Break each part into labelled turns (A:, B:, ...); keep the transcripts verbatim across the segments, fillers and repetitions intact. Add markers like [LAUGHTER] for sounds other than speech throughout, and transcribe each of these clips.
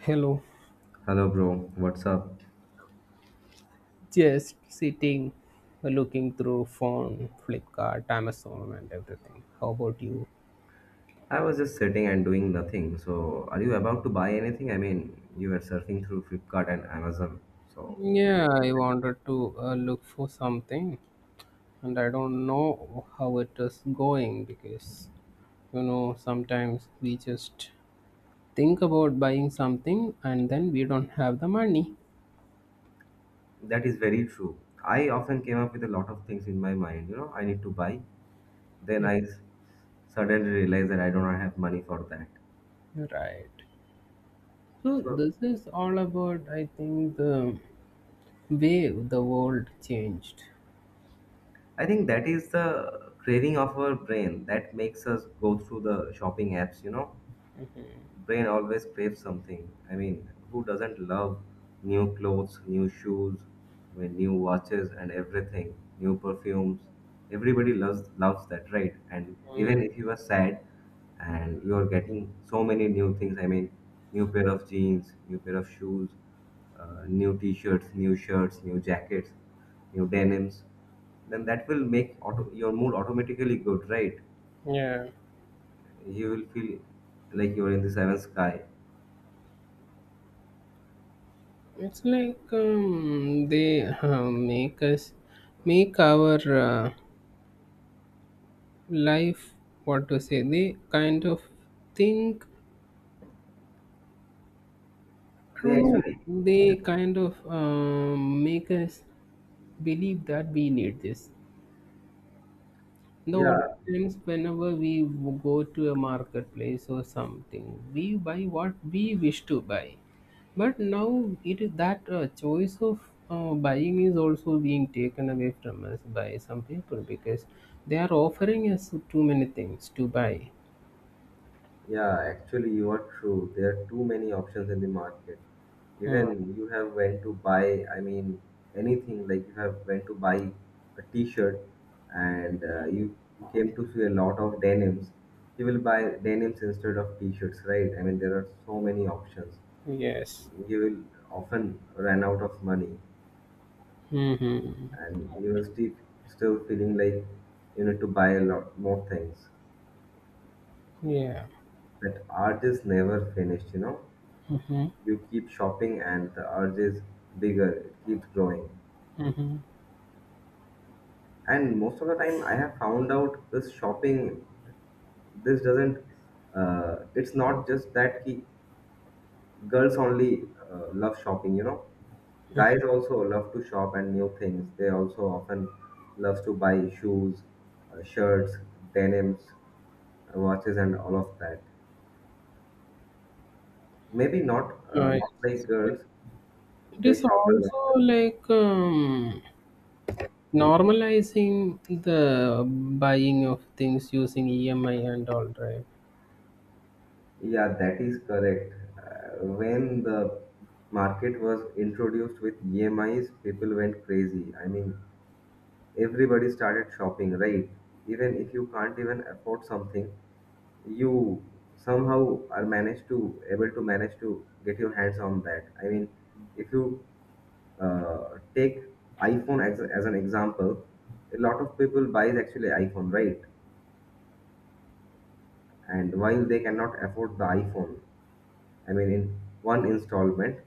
A: Hello,
B: Hello, bro. What's up?
A: just sitting looking through phone, Flipkart, Amazon, and everything. How about you?
B: I was just sitting and doing nothing. So, are you about to buy anything? I mean, you were surfing through Flipkart and Amazon. So, what is
A: Yeah,
B: in your
A: I
B: mind?
A: wanted to uh, look for something, and I don't know how it is going because you know sometimes we just think about buying something and then we don't have the money.
B: That is very true. I often came up with a lot of things in my mind. You know, I need to buy. Then
A: Yeah.
B: I s- suddenly realized that I do not have money for that.
A: Right. So
B: So,
A: this is all about, I think, the way the world changed.
B: I think that is the craving of our brain that makes us go through the shopping apps. You know, brain always craves something. I mean, who doesn't love new clothes, new shoes, I mean, new watches and everything, new perfumes. Everybody loves loves that, right? And
A: Mm,
B: even if you are sad and you are getting so many new things, I mean, new pair of jeans, new pair of shoes, uh, new t-shirts, new shirts, new jackets, new denims, then that will make auto- your mood automatically good, right?
A: yeah.
B: You will feel like you are in the seventh sky.
A: It's like um, they uh, make us make our uh, life, what to say. They kind of think, I
B: They
A: don't know.
B: actually,
A: They kind of um, make us believe that we need this. The old
B: yeah,
A: times, whenever we w- go to a marketplace or something, we buy what we wish to buy. But now it is that uh, choice of uh, buying is also being taken away from us by some people because they are offering us too many things to buy.
B: yeah, actually, you are true. There are too many options in the market.
A: Hmm.
B: Even you have when to buy, I mean, anything like you have when to buy a t-shirt and uh, you came to see a lot of denims. You will buy denims instead of t-shirts, right? I mean, there are so many options.
A: Yes.
B: You will often run out of money
A: Hmm.
B: and you will still still feeling like you need to buy a lot more things
A: Yeah.
B: that art is never finished, you know. You keep shopping and the urge is bigger, it keeps growing. And most of the time I have found out this shopping, this doesn't, uh, it's not just that ki, girls only uh, love shopping, you know, guys also love to shop and new things, they also often love to buy shoes, uh, shirts, denims, uh, watches and all of that. Maybe not uh,
A: Right.
B: not like girls.
A: It
B: They
A: is
B: shop a
A: also
B: lot.
A: like um, normalizing the buying of things using E M I and all, right?
B: Yeah, that is correct. Uh, When the market was introduced with E M Is, people went crazy. I mean, everybody started shopping, right? Even if you can't even afford something, you somehow are managed to able to manage to get your hands on that. I mean, if you uh, take iPhone as, as an example, a lot of people buys actually iPhone, right? And while they cannot afford the iPhone, I mean, in one installment,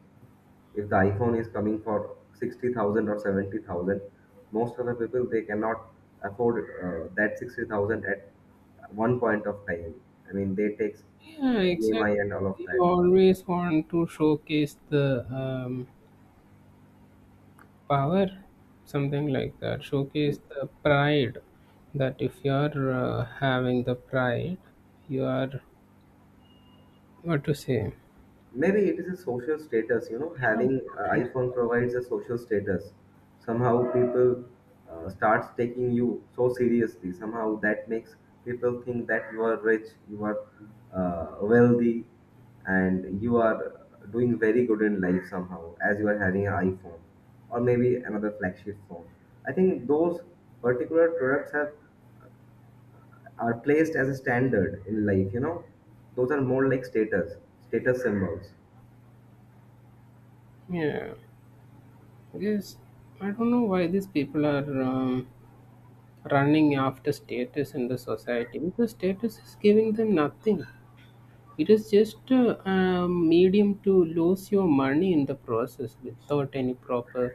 B: if the iPhone is coming for sixty thousand or seventy thousand, most of the people they cannot afford uh, that sixty thousand at one point of time. I mean, they takes
A: Yeah,
B: uh, E M I
A: exactly.
B: and all of
A: You
B: that.
A: always want to showcase the um, power, something like that. Showcase the pride that if you are uh, having the pride, you are, what to say.
B: Maybe it is a social status, you know, having a
A: Yeah,
B: iphone provides a social status. Somehow people uh, starts taking you so seriously, somehow that makes people think that you are rich, you are uh, wealthy and you are doing very good in life, somehow as you are having an iphone or maybe another flagship phone. I think those particular products have, are placed as a standard in life, you know, those are more like status, status symbols.
A: yeah. Yes, I don't know why these people are um, running after status in the society because status is giving them nothing. It is just uh, a medium to lose your money in the process without any proper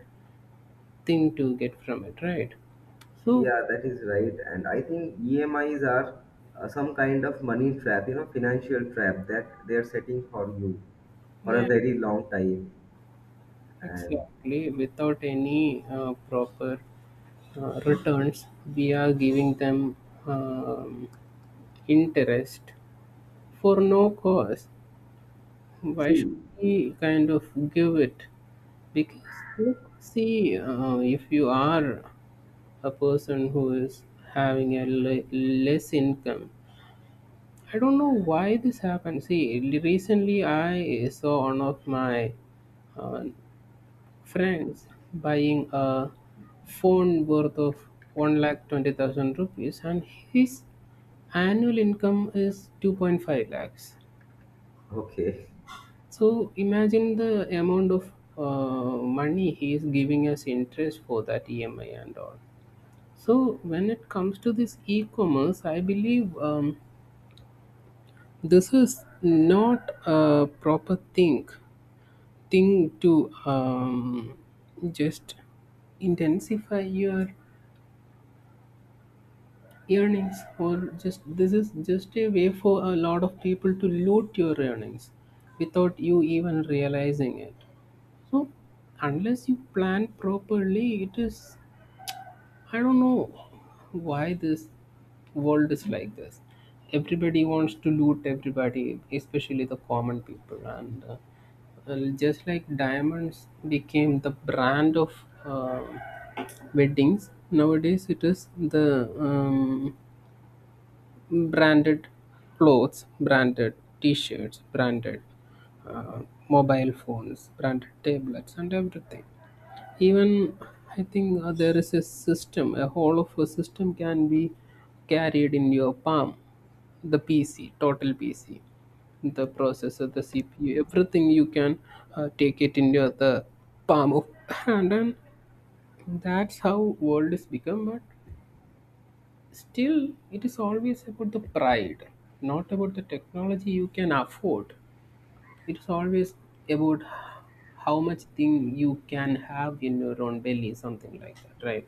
A: thing to get from it, right? So,
B: Yeah, that is right. And I think E M Is are uh, some kind of money trap, you know, financial trap that they are setting for you for a
A: yeah,
B: very long time. And
A: exactly. Without any uh, proper uh, returns, we are giving them um, interest for no cause. Why should
B: see,
A: we kind of give it? Because, look, see, uh, if you are a person who is having a le- less income, I don't know why this happened. See, recently I saw one of my uh, friends buying a phone worth of one lakh twenty thousand rupees, and his annual income is two point five lakhs.
B: okay,
A: So imagine the amount of uh, money he is giving as interest for that E M I and all. So when it comes to this e-commerce, I believe um, this is not a proper thing thing to um, just intensify your earnings, or just this is just a way for a lot of people to loot your earnings without you even realizing it. So unless you plan properly, it is, I don't know why this world is like this. Everybody wants to loot everybody, especially the common people. And uh, well, just like diamonds became the brand of uh, weddings, nowadays it is the um, branded clothes, branded t shirts, branded uh, mobile phones, branded tablets, and everything. Even I think uh, there is a system, a whole of a system can be carried in your palm, the P C, total P C, the processor, the C P U, everything. You can uh, take it in your the palm of [LAUGHS] hand, and that's how world is become. But still it is always about the pride, not about the technology you can afford. It's always about how much thing you can have in your own belly, something like that, right?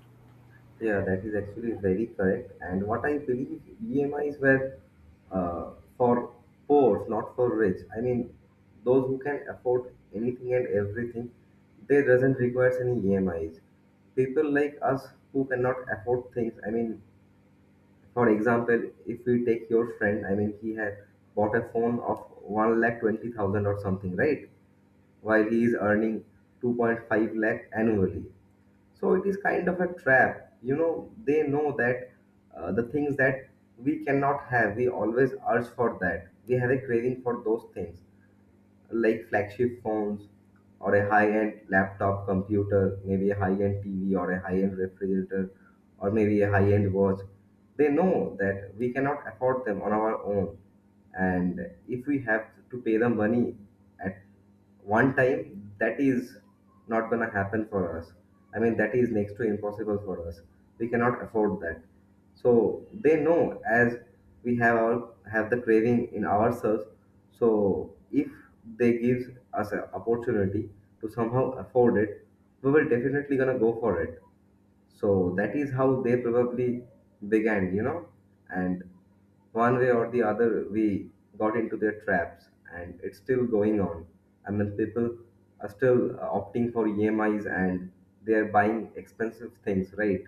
B: [LAUGHS] yeah, that is actually very correct. And what I believe E M Is were uh, for poor, not for rich. I mean, those who can afford anything and everything, they doesn't require any E M Is. People like us who cannot afford things, I mean, for example, if we take your friend, I mean, he had bought a phone of one lakh twenty thousand or something, right? While he is earning two point five lakh annually. So it is kind of a trap. You know, they know that uh, the things that we cannot have, we always urge for that. We have a craving for those things like flagship phones or a high-end laptop computer, maybe a high-end T V or a high-end refrigerator or maybe a high-end watch. They know that we cannot afford them on our own. And if we have to pay the money at one time, that is not gonna happen for us. I mean, that is next to impossible for us. We cannot afford that, so they know, as we have our have the craving in ourselves, so if they gives us an opportunity to somehow afford it, we will definitely gonna go for it. So that is how they probably began, you know. And one way or the other, we got into their traps and it's still going on. I mean, people are still uh, opting for emis and they are buying expensive things, right?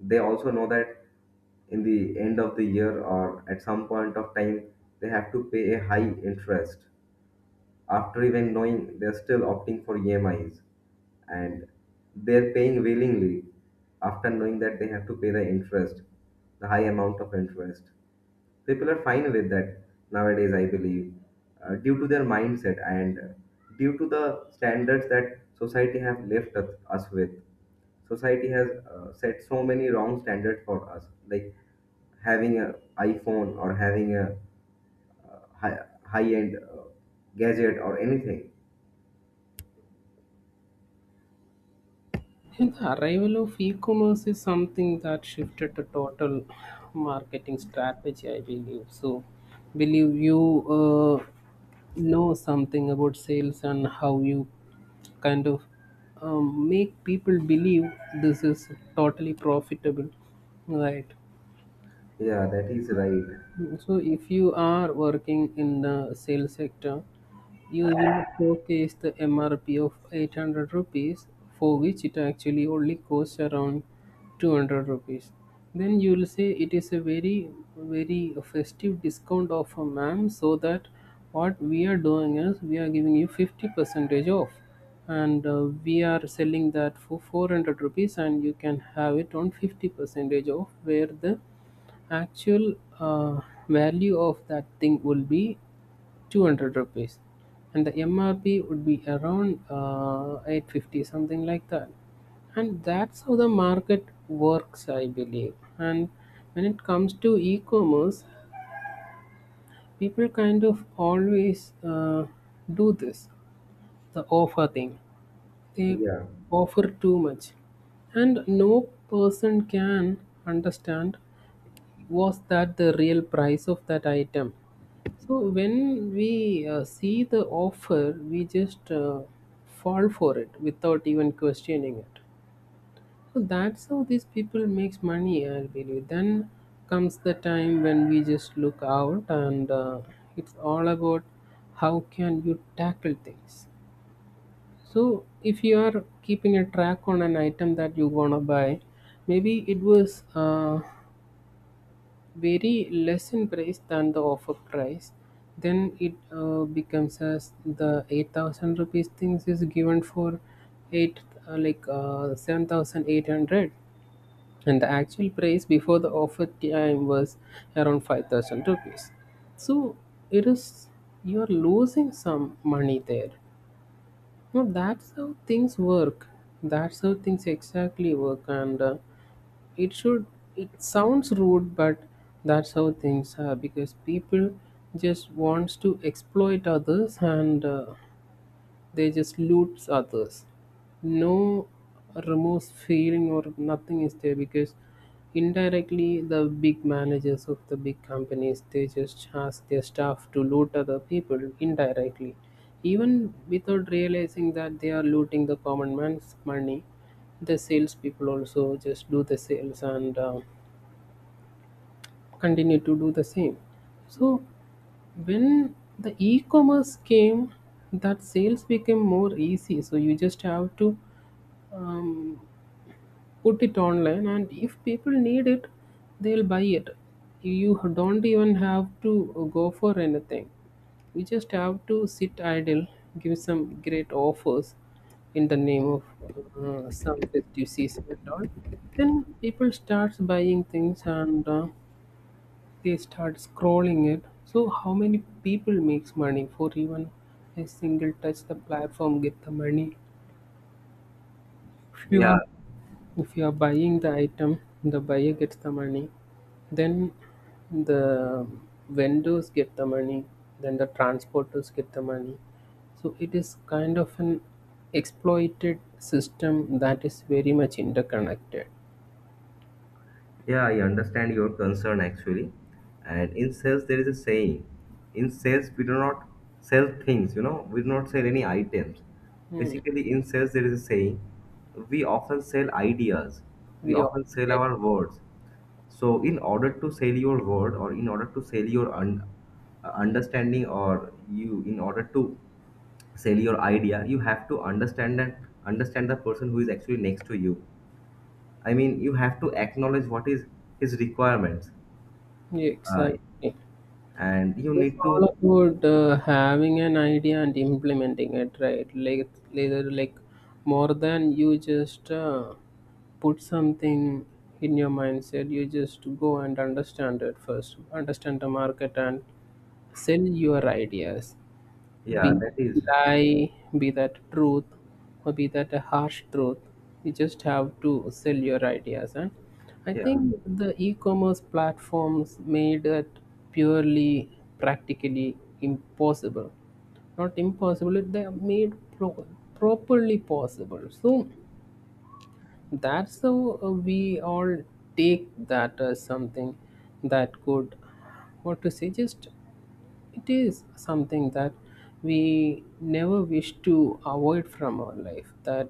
B: They also know that in the end of the year or at some point of time, they have to pay a high interest. After even knowing, they're still opting for emis. And they're paying willingly after knowing that they have to pay the interest, the high amount of interest. People are fine with that nowadays, I believe, uh, due to their mindset and uh, due to the standards that society have left us us with. Society has uh, set so many wrong standards for us like having a iphone or having a high, high end uh, gadget or anything.
A: And the arrival of e-commerce is something that shifted the total marketing strategy, I believe. So, believe you uh, know something about sales and how you kind of um, make people believe this is totally profitable, right?
B: Yeah, that is right.
A: So, if you are working in the sales sector, you will showcase the M R P of eight hundred rupees for which it actually only costs around two hundred rupees. Then you will say, it is a very, very festive discount offer, ma'am. So that what we are doing is we are giving you fifty percentage off, and uh, we are selling that for four hundred rupees, and you can have it on fifty percentage off, where the actual uh, value of that thing will be two hundred rupees and the M R P would be around uh, eight fifty, something like that. And that's how the market works, I believe. And when it comes to e-commerce, people kind of always uh, do this, the offer thing. They
B: Yeah,
A: offer too much, and no person can understand, was that the real price of that item? So when we uh, see the offer, we just uh, fall for it without even questioning it. So that's how these people makes money, I believe. Then comes the time when we just look out, and uh, it's all about how can you tackle things. So if you are keeping a track on an item that you want to buy, maybe it was uh, very less in price than the offer price. Then it uh, becomes as the eight thousand rupees things is given for eight, uh, like uh, seven thousand eight hundred, and the actual price before the offer time was around five thousand rupees. So it is, you are losing some money there. No, that's how things work. That's how things exactly work. And uh, it should, it sounds rude, but that's how things are because people just wants to exploit others, and uh, they just loot others. No remorse, feeling, or nothing is there because indirectly the big managers of the big companies, they just ask their staff to loot other people indirectly, even without realizing that they are looting the common man's money. The salespeople also just do the sales and uh, continue to do the same. So when the e-commerce came, that sales became more easy. So you just have to um, put it online, and if people need it, they'll buy it. You don't even have to go for anything. You just have to sit idle, give some great offers in the name of uh, some festive season and all. Then people starts buying things, and. Uh, they start scrolling it. So how many people makes money for even a single touch? The platform get the money. If you are if you are buying the item, the buyer gets the money. Then the vendors get the money. Then the transporters get the money. So it is kind of an exploited system that is very much interconnected.
B: yeah, I understand your concern, actually. And in sales there is a saying, in sales we do not sell things, you know, we do not sell any items. Basically in sales there is a saying, we often sell ideas, we
A: We all
B: often sell
A: Yeah,
B: our words. So in order to sell your word or in order to sell your un- uh, understanding, or you in order to sell your idea, you have to understand and understand the person who is actually next to you. I mean, you have to acknowledge what is his requirements.
A: yeah,
B: uh,
A: exactly.
B: and you
A: It's
B: need
A: all
B: to,
A: about uh, having an idea and implementing it, right? Like, later, like, more than you just uh, put something in your mindset, you just go and understand it first, understand the market and sell your ideas.
B: yeah,
A: Be
B: that
A: it
B: is,
A: lie, be that truth, or be that a harsh truth. You just have to sell your ideas. And I
B: yeah,
A: think the e-commerce platforms made it purely practically impossible. Not impossible, it- they are made pro- properly possible. So that's how uh, we all take that as something that could, what to say, just it is something that we never wish to avoid from our life. That,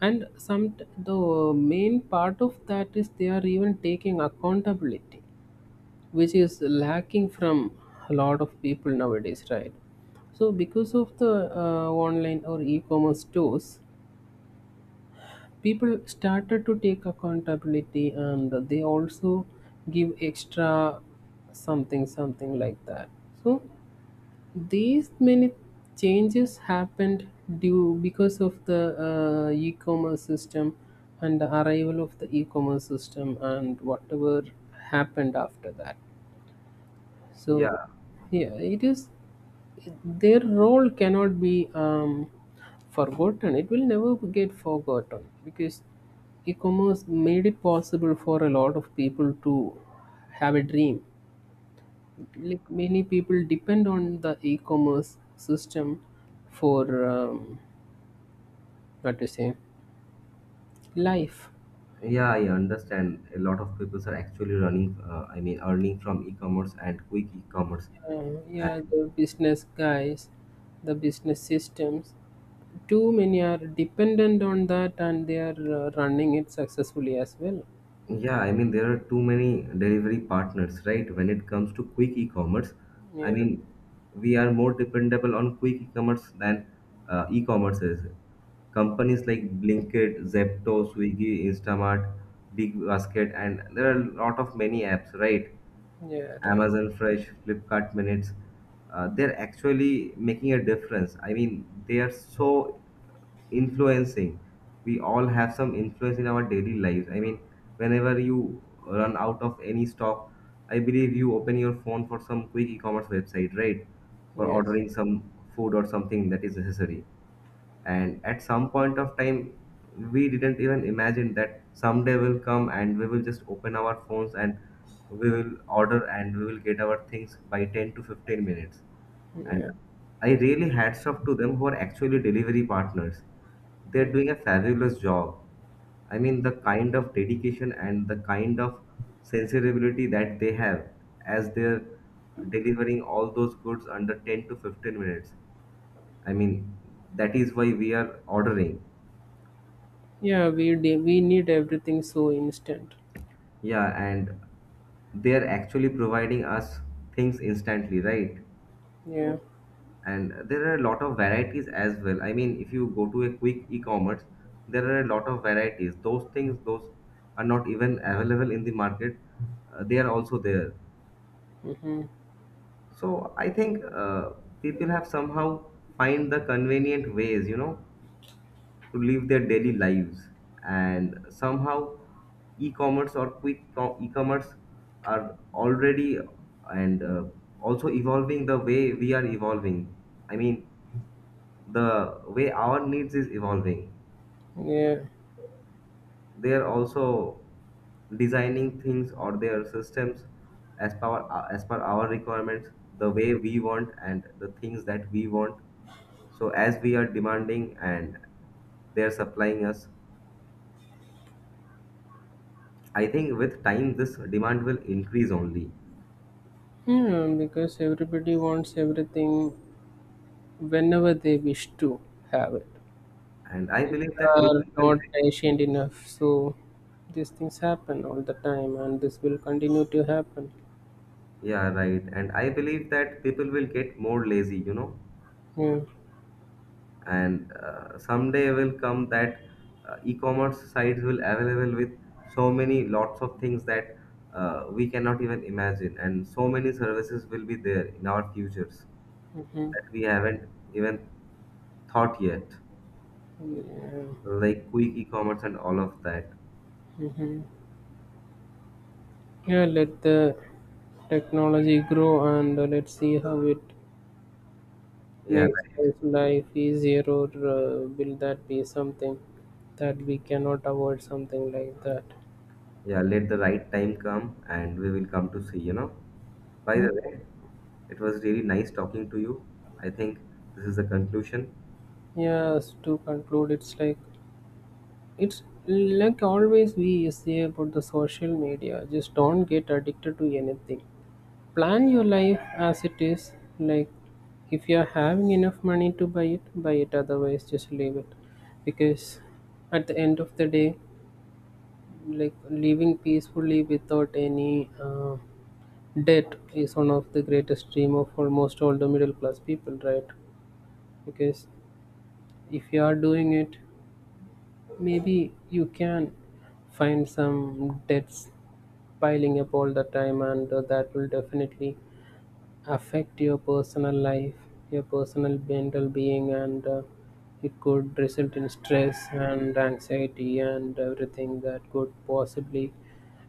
A: and some the main part of that is they are even taking accountability, which is lacking from a lot of people nowadays, right? So because of the uh, online or e-commerce stores, people started to take accountability, and they also give extra, something something like that. So these many changes happened due because of the uh, e-commerce system and the arrival of the e-commerce system and whatever happened after that. So,
B: yeah,
A: yeah, it is their role cannot be um, forgotten. It will never get forgotten because e-commerce made it possible for a lot of people to have a dream. Like, many people depend on the e-commerce system for um, what to say, life.
B: yeah, I understand a lot of people are actually running, uh, I mean earning from e-commerce and quick e-commerce.
A: Yeah, yeah. The business guys, the business systems, too many are dependent on that, and they are uh, running it successfully as well.
B: Yeah, I mean, there are too many delivery partners, right? When it comes to quick e-commerce, I
A: Yeah.
B: mean, we are more dependable on quick e-commerce than uh, e-commerce is. Companies like Blinkit, Zepto, Swiggy, Instamart, Big Basket, and there are a lot of many apps, right?
A: Yeah, right.
B: Amazon Fresh, Flipkart Minutes, uh, they're actually making a difference. I mean, they are so influencing. We all have some influence in our daily lives. I mean, whenever you run out of any stock, I believe you open your phone for some quick e-commerce website, right? For
A: Yes.
B: ordering some food or something that is necessary. And at some point of time, we didn't even imagine that someday will come and we will just open our phones and we will order and we will get our things by ten to fifteen minutes. And
A: Yeah,
B: I really hats off to them who are actually delivery partners. They're doing a fabulous job. I mean, the kind of dedication and the kind of sensibility that they have, as they're delivering all those goods under ten to fifteen minutes. I mean, that is why we are ordering.
A: yeah, we de- we need everything so instant.
B: Yeah, and they are actually providing us things instantly, right?
A: Yeah.
B: And there are a lot of varieties as well. I mean, if you go to a quick e-commerce, there are a lot of varieties. Those things, those are not even available in the market. Uh, they are also there.
A: Mm,
B: So I think uh, people have somehow find the convenient ways, you know, to live their daily lives. And somehow e-commerce or quick co- e-commerce are already and uh, also evolving the way we are evolving. I mean, the way our needs is evolving.
A: yeah,
B: They are also designing things or their systems as per our, as per our requirements, the way we want and the things that we want. So as we are demanding and they are supplying us, I think with time this demand will increase only.
A: yeah, because everybody wants everything whenever they wish to have it.
B: And I
A: People
B: believe that
A: are
B: people will,
A: not patient enough, so these things happen all the time, and this will continue to happen.
B: yeah, right. And I believe that people will get more lazy, you know.
A: Yeah.
B: And uh, someday will come that uh, e-commerce sites will available with so many lots of things that uh, we cannot even imagine, and so many services will be there in our futures
A: Hmm.
B: that we haven't even thought yet,
A: Yeah.
B: like quick e-commerce and all of that.
A: Hmm. Yeah, let the technology grow and uh, let's see how it
B: Yeah,
A: makes
B: right.
A: us life easier, or uh, will that be something that we cannot avoid, something like that.
B: Yeah. Let the right time come, and we will come to see. You know. By
A: Hmm.
B: the way, it was really nice talking to you. I think this is the conclusion.
A: Yes, to conclude, it's like It's like always we say about the social media, just don't get addicted to anything. Plan your life as it is. Like, if you're having enough money to buy it, buy it. Otherwise, just leave it. Because at the end of the day, like living peacefully without any uh, debt is one of the greatest dream of almost all the middle class people, right? Because if you are doing it, maybe you can find some debts piling up all the time, and uh, that will definitely affect your personal life, your personal mental being, and uh, it could result in stress and anxiety and everything that could possibly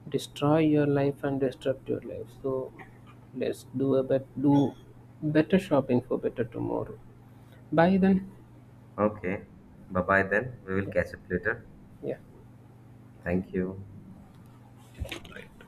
A: destroy your life and disrupt your life. So let's do a bit do better shopping for better tomorrow. Bye then.
B: Okay. Bye bye then. We will
A: Yeah.
B: catch up later.
A: Yeah.
B: Thank you.